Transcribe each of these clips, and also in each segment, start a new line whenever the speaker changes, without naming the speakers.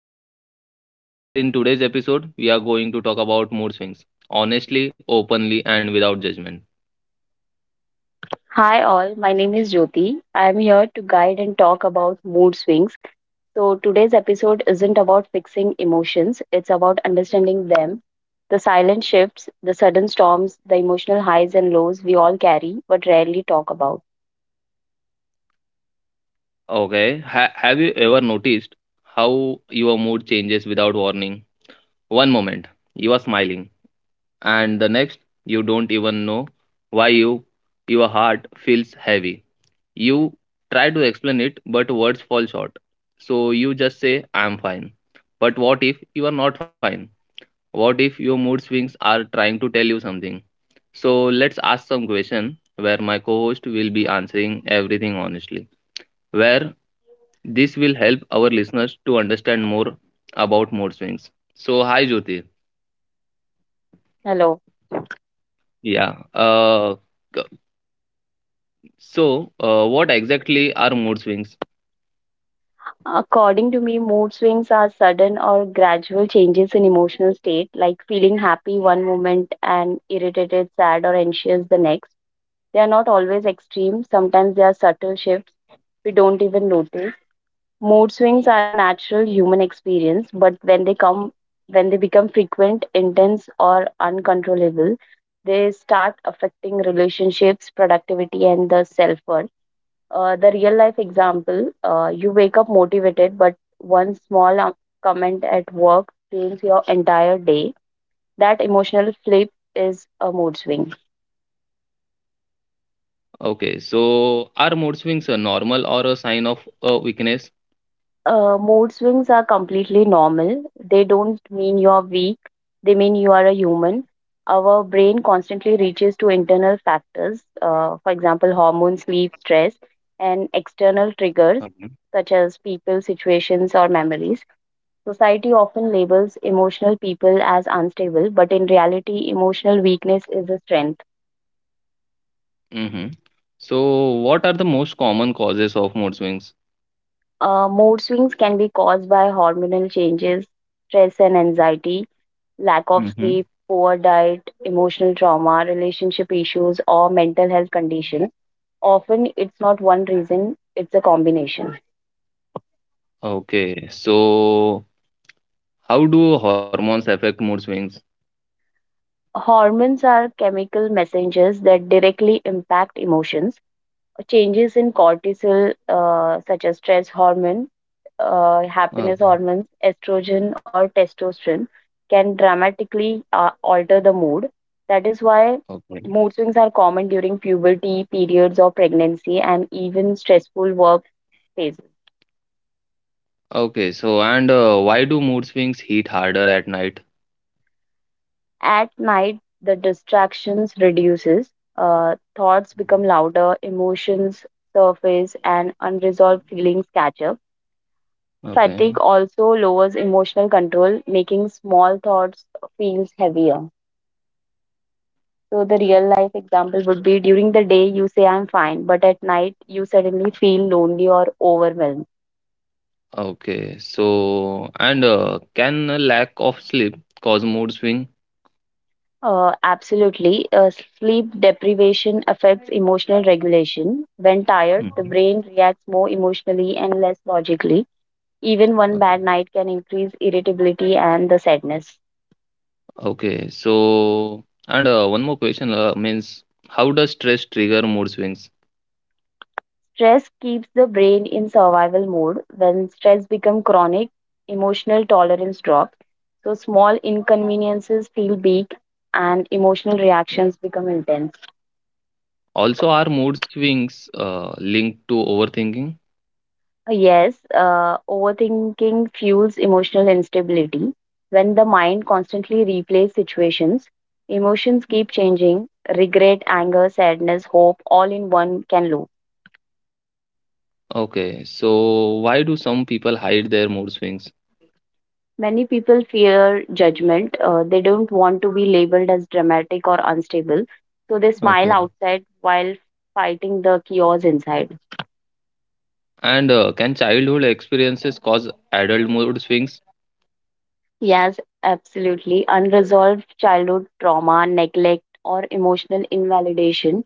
Jyoti. Where in today's episode we are going to talk about mood swings honestly, openly and without judgment.
Hi all, my name is Jyoti. I am here to guide and talk about mood swings. So today's episode isn't about fixing emotions, it's about understanding them. The silent shifts, the sudden storms, the emotional highs and lows we all carry but rarely talk about.
Okay, have you ever noticed how your mood changes without warning? One moment you are smiling and the next you don't even know why you your heart feels heavy. You try to explain it but words fall short. So you just say I am fine. But what if you are not fine? What if your mood swings are trying to tell you something? So let's ask some question where my co-host will be answering everything honestly. Where this will help our listeners to understand more about mood swings. So hi Jyoti.
Hello.
Yeah. C- so what exactly are mood swings?
According to me, mood swings are sudden or gradual changes in emotional state, like feeling happy one moment and irritated, sad, or anxious the next. They are not always extreme, sometimes they are subtle shifts we don't even notice. Mood swings are a natural human experience, but when they become frequent, intense or uncontrollable, they start affecting relationships, productivity and the self-worth. The real life example, you wake up motivated, but one small comment at work changes your entire day. That emotional flip is a mood swing.
Okay. So are mood swings a normal or a sign of weakness?
Mood swings are completely normal. They don't mean you're weak, they mean you are a human. Our brain constantly reaches to internal factors, for example, hormones, sleep, stress, and external
Okay.
triggers such as people, situations, or memories. Society often labels emotional people as unstable, but in reality, emotional weakness is a strength.
Mm-hmm. So what are the most common causes of mood swings?
Mood swings can be caused by hormonal changes, stress, and anxiety lack of
Mm-hmm.
sleep, poor diet, emotional trauma, relationship issues, or mental health condition. Often it's not one reason, it's a combination.
Okay. So how do hormones affect mood swings?
Hormones are chemical messengers that directly impact emotions changes in cortisol, such as stress hormone,
Okay.
happiness hormones, estrogen, or testosterone, can dramatically alter the mood. That is why
Okay.
mood swings are common during puberty, periods of pregnancy, and even stressful work phases.
Okay. So and why do mood swings hit harder at night?
At night, the distractions reduces, thoughts become louder, emotions surface, and unresolved feelings catch up.
Okay.
Fatigue also lowers emotional control, making small thoughts feels heavier. So the real life example would be during the day you say I'm fine, but at night you suddenly feel lonely or overwhelmed.
Okay. So and can a lack of sleep cause mood swing?
Absolutely. Sleep deprivation affects emotional regulation. When tired, the
Mhm.
brain reacts more emotionally and less logically. Even one
Okay.
bad night can increase irritability and the sadness.
Okay. So and one more question means how does stress trigger mood swings?
Stress keeps the brain in survival mode. When stress becomes chronic, emotional tolerance drops. So small inconveniences feel big and emotional reactions become intense.
Also, are mood swings linked to overthinking?
Yes, overthinking fuels emotional instability. When the mind constantly replays situations, emotions keep changing. Regret, anger, sadness, hope, all in one can loop.
Okay, so why do some people hide their mood swings?
Many people fear judgment. They don't want to be labeled as dramatic or unstable. So they smile
Okay,
outside while fighting the chaos inside.
and can childhood experiences cause adult mood swings?
Yes, absolutely. Unresolved childhood trauma, neglect, or emotional invalidation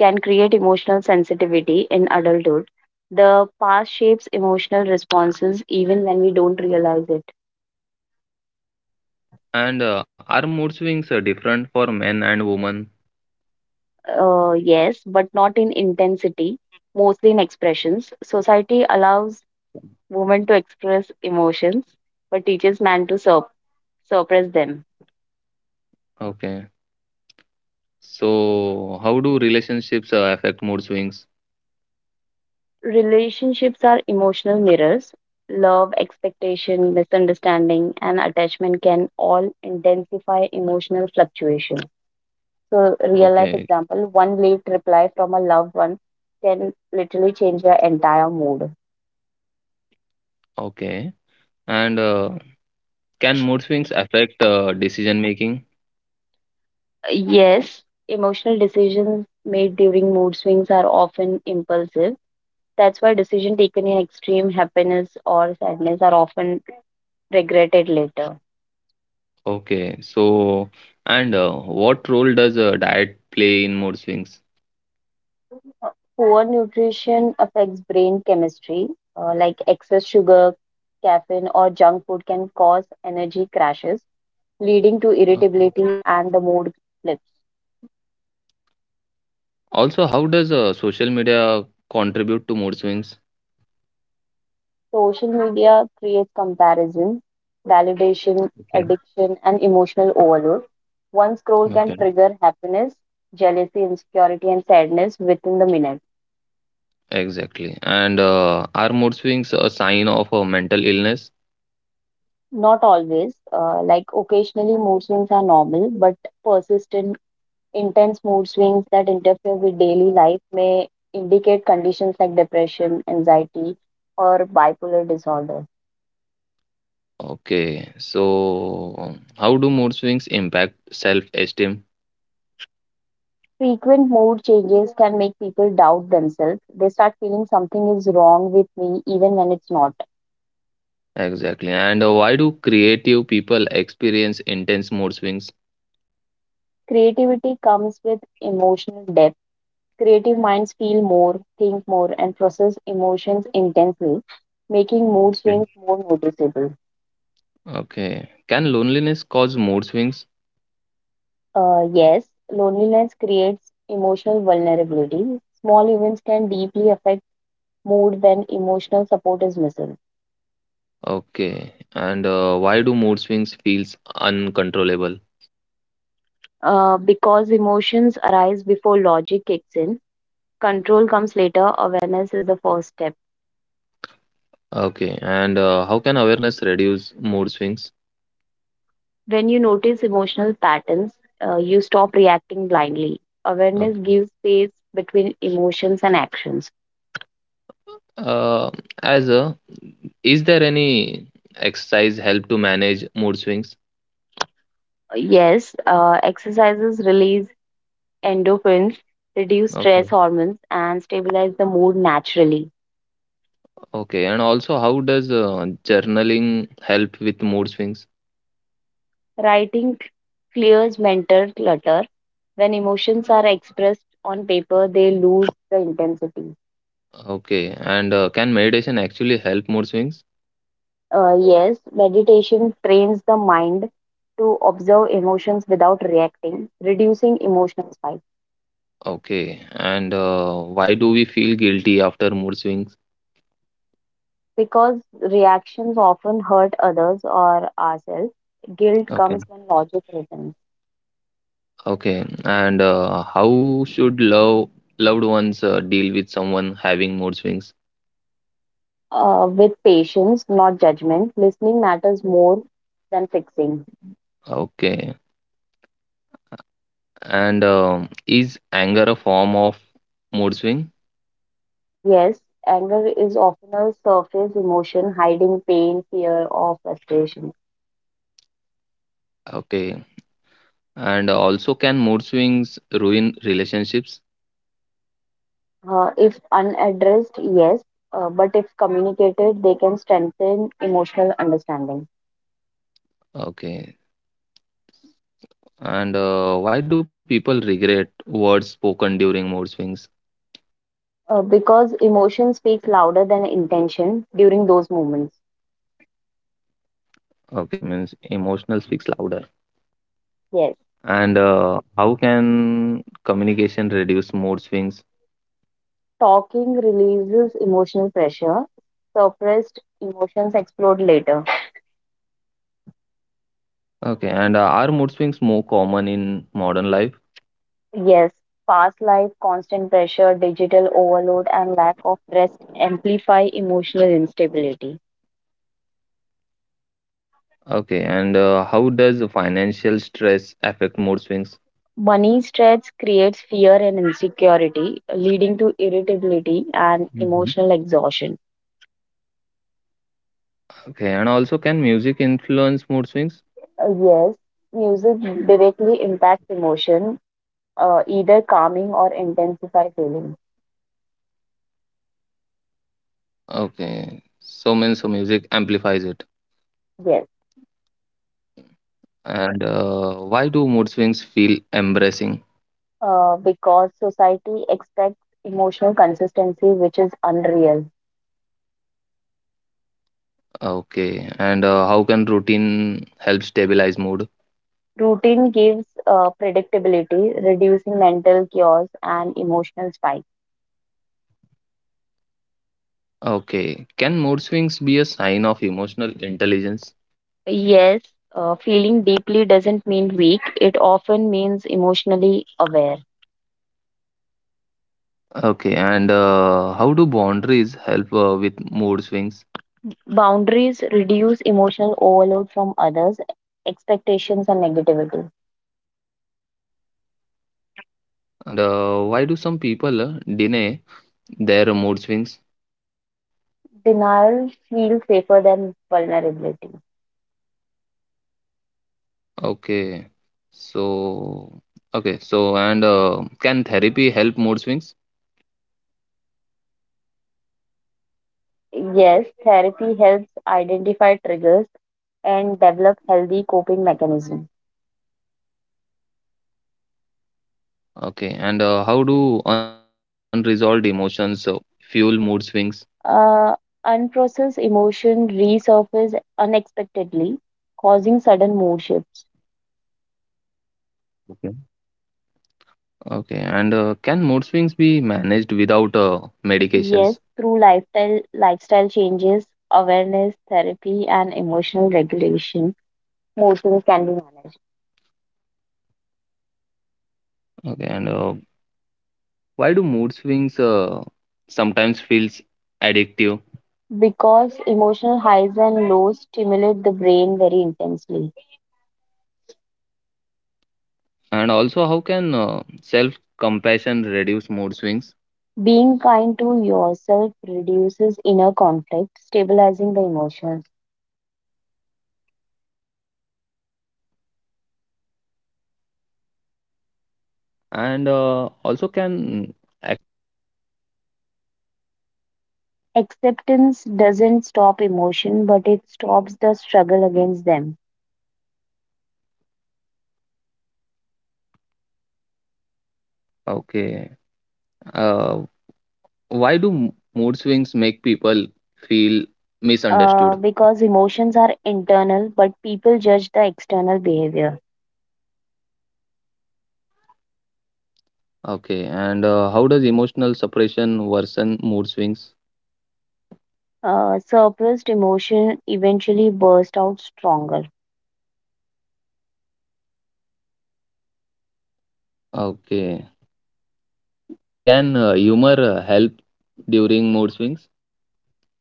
can create emotional sensitivity in adulthood. The past shapes emotional responses even when we don't realize it.
And are mood swings different for men and women?
Yes, but not in intensity, mostly in expressions. Society allows woman to express emotions but teaches man to suppress them.
Okay, so how do relationships affect mood swings?
Relationships are emotional mirrors. Love, expectation, misunderstanding, and attachment can all intensify emotional fluctuation. So, real life
Okay,
example, one late reply from a loved one can literally change their entire mood.
okay, and can mood swings affect decision making?
Yes, emotional decisions made during mood swings are often impulsive. That's why decisions taken in extreme happiness or sadness are often regretted later.
Okay, so and what role does diet play in mood swings?
Uh, Poor nutrition affects brain chemistry, like excess sugar, caffeine, or junk food can cause energy crashes, leading to
Okay.
irritability and the mood flips.
Also, how does social media contribute to mood swings?
Social media creates comparison, validation,
Okay.
addiction, and emotional overload. One scroll can
Okay,
trigger happiness, jealousy, insecurity, and sadness within the minute.
exactly. And are mood swings a sign of a mental illness?
Not always, like occasionally mood swings are normal, but persistent intense mood swings that interfere with daily life may indicate conditions like depression, anxiety, or bipolar disorder.
Okay, so how do mood swings impact self-esteem?
Frequent mood changes can make people doubt themselves. They start feeling something is wrong with me even when it's not.
Exactly. And why do creative people experience intense mood swings?
Creativity comes with emotional depth. Creative minds feel more, think more, and process emotions intensely, making mood
Okay.
swings more noticeable.
Okay. Can loneliness cause mood swings?
Yes, loneliness creates emotional vulnerability. Small events can deeply affect mood when emotional support is missing.
Okay. And why do mood swings feels uncontrollable?
Because emotions arise before logic kicks in, control comes later, awareness is the first step.
Okay. And how can awareness reduce mood swings?
When you notice emotional patterns, you stop reacting blindly. Awareness
Okay.
gives space between emotions and actions.
Uh, as a, is there any exercise help to manage mood swings?
Yes, exercises release endorphins, reduce
Okay.
stress hormones, and stabilize the mood naturally.
Okay. And also, how does journaling help with mood swings?
Writing clears mental clutter. When emotions are expressed on paper, they lose the intensity.
Okay. And can meditation actually help mood swings?
Yes, meditation trains the mind to observe emotions without reacting, reducing emotional spike.
Okay. And why do we feel guilty after mood swings?
Because reactions often hurt others or ourselves, guilt
Okay.
comes when logic reasons.
Okay. And how should loved ones deal with someone having mood swings?
With patience, not judgment, listening matters more than fixing.
Okay. And is anger a form of mood swing?
Yes, anger is often a surface emotion hiding pain, fear, or frustration.
Okay. And also, can mood swings ruin relationships?
If unaddressed, yes, but if communicated, they can strengthen emotional understanding.
Okay. And why do people regret words spoken during mood swings?
Because emotion speaks louder than intention during those moments.
Okay, means emotional speaks louder.
Yes,
And how can communication reduce mood swings?
talking releases emotional pressure. Suppressed emotions explode later.
Okay, and are mood swings more common in modern life?
Yes, fast life, constant pressure, digital overload, and lack of rest amplify emotional instability.
Okay, and how does financial stress affect mood swings?
Money stress creates fear and insecurity, leading to irritability and emotional
Mhm.
exhaustion.
Okay, and also can music influence
Uh,
mood
Yes,
swings?
music directly impacts emotion, either calming or intensify feeling.
Okay, so means so music amplifies it.
Yes,
And why do mood swings feel embarrassing?
because society expects emotional consistency, which is unreal.
Okay, and how can routine help stabilize mood?
Routine gives predictability, reducing mental chaos and emotional spikes.
Okay, can mood swings be a sign of emotional intelligence?
Yes, feeling deeply doesn't mean weak, it often means emotionally aware.
Okay, and how do boundaries help with mood swings?
Boundaries reduce emotional overload from others, expectations, and negativity.
Okay, and why do some people deny their mood swings?
Denial feels safer than vulnerability.
Okay. So, okay. So, and can therapy help mood swings?
Yes, therapy helps identify triggers and develop healthy coping mechanisms.
Okay. And how do unresolved emotions fuel mood swings?
Uh, unprocessed emotion resurface unexpectedly, causing sudden mood shifts.
Okay. Okay. And can mood swings be managed without medications?
Yes, through lifestyle changes, awareness, therapy, and emotional regulation, emotions can be managed.
Okay. And why do mood swings sometimes feels addictive?
Because emotional highs and lows stimulate the brain very intensely.
And also, how can self-compassion reduce mood swings?
Being kind to yourself reduces inner conflict, stabilizing the emotions.
And also, can acceptance stop mood swings?
Acceptance doesn't stop emotion, but it stops the struggle against them.
Okay. Uh, why do mood swings make people feel
Uh,
misunderstood?
because emotions are internal, but people judge the external behavior.
Okay. And how does emotional suppression worsen mood swings?
Suppressed emotion eventually burst out stronger.
Okay. Can humor help during mood swings?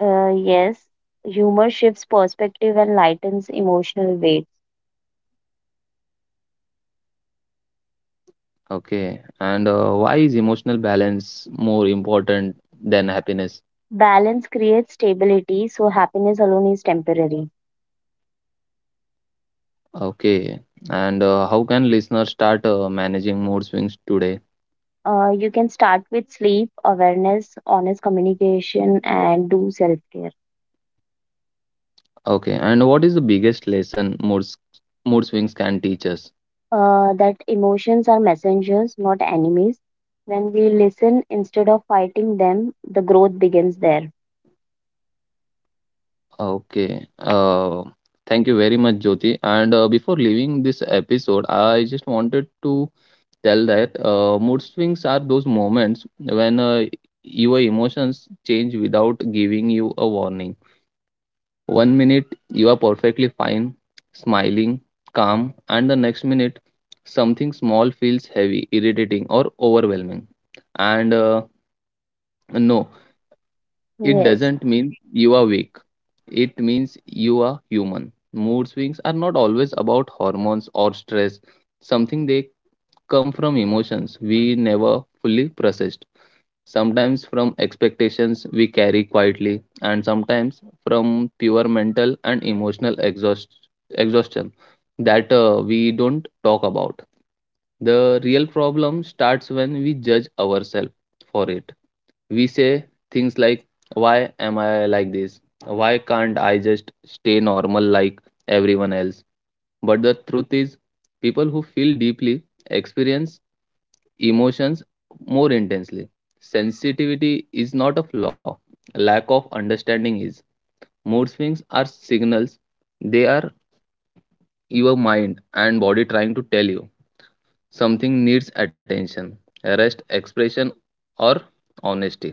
Yes, humor shifts perspective and lightens emotional weight.
Okay. And why is emotional balance more important than happiness?
Balance creates stability, so happiness alone is temporary.
Okay. And how can listeners start managing mood swings today?
You can start with sleep, awareness, honest communication, and do self care.
Okay. And what is the biggest lesson mood swings can teach us?
That emotions are messengers, not enemies. When we listen instead of fighting them, the growth begins there.
Okay. Thank you very much, Jyoti. And before leaving this episode, I just wanted to tell that mood swings are those moments when your emotions change without giving you a warning. One minute you are perfectly fine, smiling, calm, and the next minute something small feels heavy, irritating, or overwhelming. And no, it
Yes,
doesn't mean you are weak. It means you are human. Mood swings are not always about hormones or stress, something they come from emotions we never fully processed. Sometimes from expectations we carry quietly, and sometimes from pure mental and emotional exhaustion that we don't talk about. The real problem starts when we judge ourselves for it we say things like, why am I like this? Why can't I just stay normal like everyone else? But the truth is, people who feel deeply experience emotions more intensely. Sensitivity is not a flaw, lack of understanding is. Mood swings are signals, they are your mind and body trying to tell you something needs attention, rest, expression, or honesty.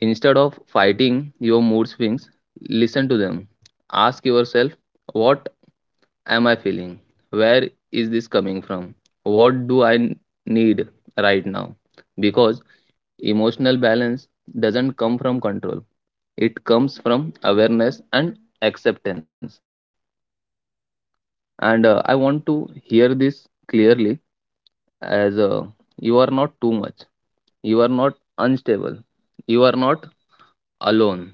Instead of fighting your mood swings, listen to them. Ask yourself, what am I feeling? Where is this coming from? What do need right now? Because emotional balance doesn't come from control, it comes from awareness and acceptance. And I want to hear this clearly as you are not too much, you are not unstable, you are not alone.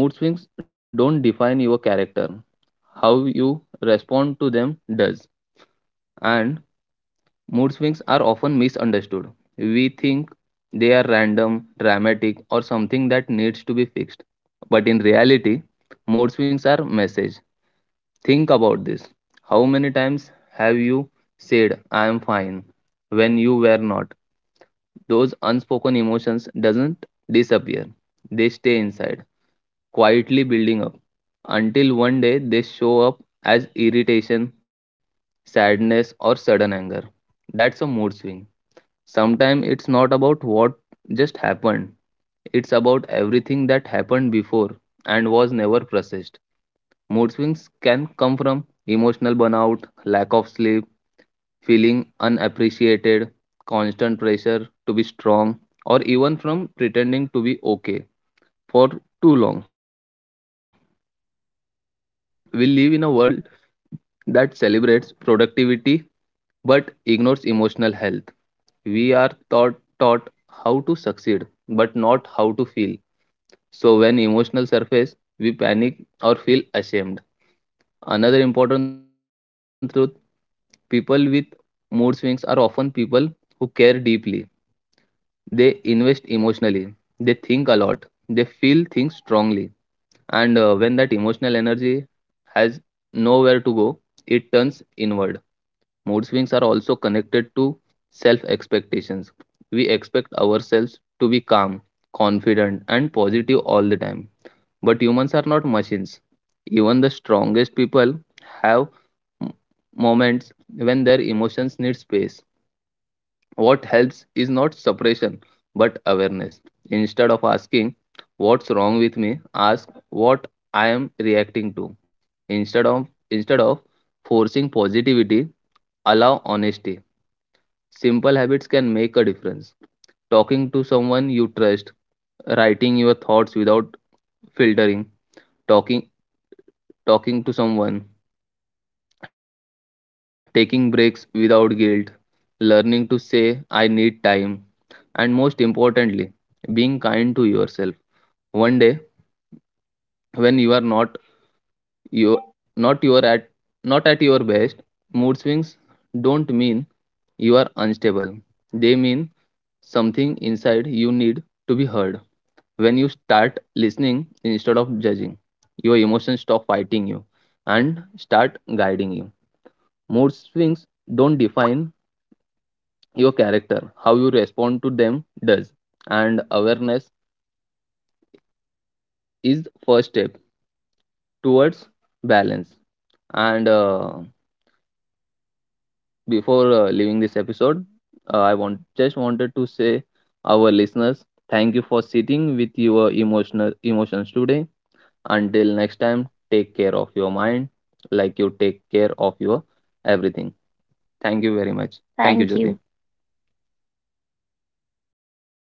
Mood swings don't define your character. How you respond to them does. And mood swings are often misunderstood. We think they are random, dramatic, or something that needs to be fixed. But in reality, mood swings are message. Think about this. How many times have you said I am fine when you were not? Those unspoken emotions doesn't disappear. They stay inside quietly building up until one day they show up as irritation, sadness, or sudden anger. That's a mood swing. Sometimes it's not about what just happened, it's about everything that happened before and was never processed. Mood swings can come from emotional burnout, lack of sleep, feeling unappreciated, constant pressure to be strong, or even from pretending to be okay for too long. We live in a world that celebrates productivity but ignores emotional health. We are taught how to succeed but not how to feel. So when emotional surface, we panic or feel ashamed. Another important truth, people with mood swings are often people who care deeply. They invest emotionally. They think a lot. They feel things strongly. And when that emotional energy has nowhere to go, it turns inward. Mood swings are also connected to self expectations. We expect ourselves to be calm, confident, and positive all the time. But humans are not machines. Even the strongest people have m- moments when their emotions need space. What helps is not suppression but awareness. Instead of asking, what's wrong with me? Ask what I am reacting to. Instead of forcing positivity, allow honesty. Simple habits can make a difference. Talking to someone you trust, writing your thoughts without filtering, talking talking to someone, taking breaks without guilt, learning to say I need time, and most importantly, being kind to yourself. One day when you are you not you are at not at your best, mood swings don't mean you are unstable. They mean something inside you need to be heard. When you start listening instead of judging, your emotions stop fighting you and start guiding you. Mood swings don't define your character, how you respond to them does. And awareness is first step towards balance. And before leaving this episode, I want just wanted to say our listeners thank you for sitting with your emotional emotions today. Until next time, take care of your mind like you take care of your everything. Thank you very much.
thank
Thank you,
you.
Jyoti.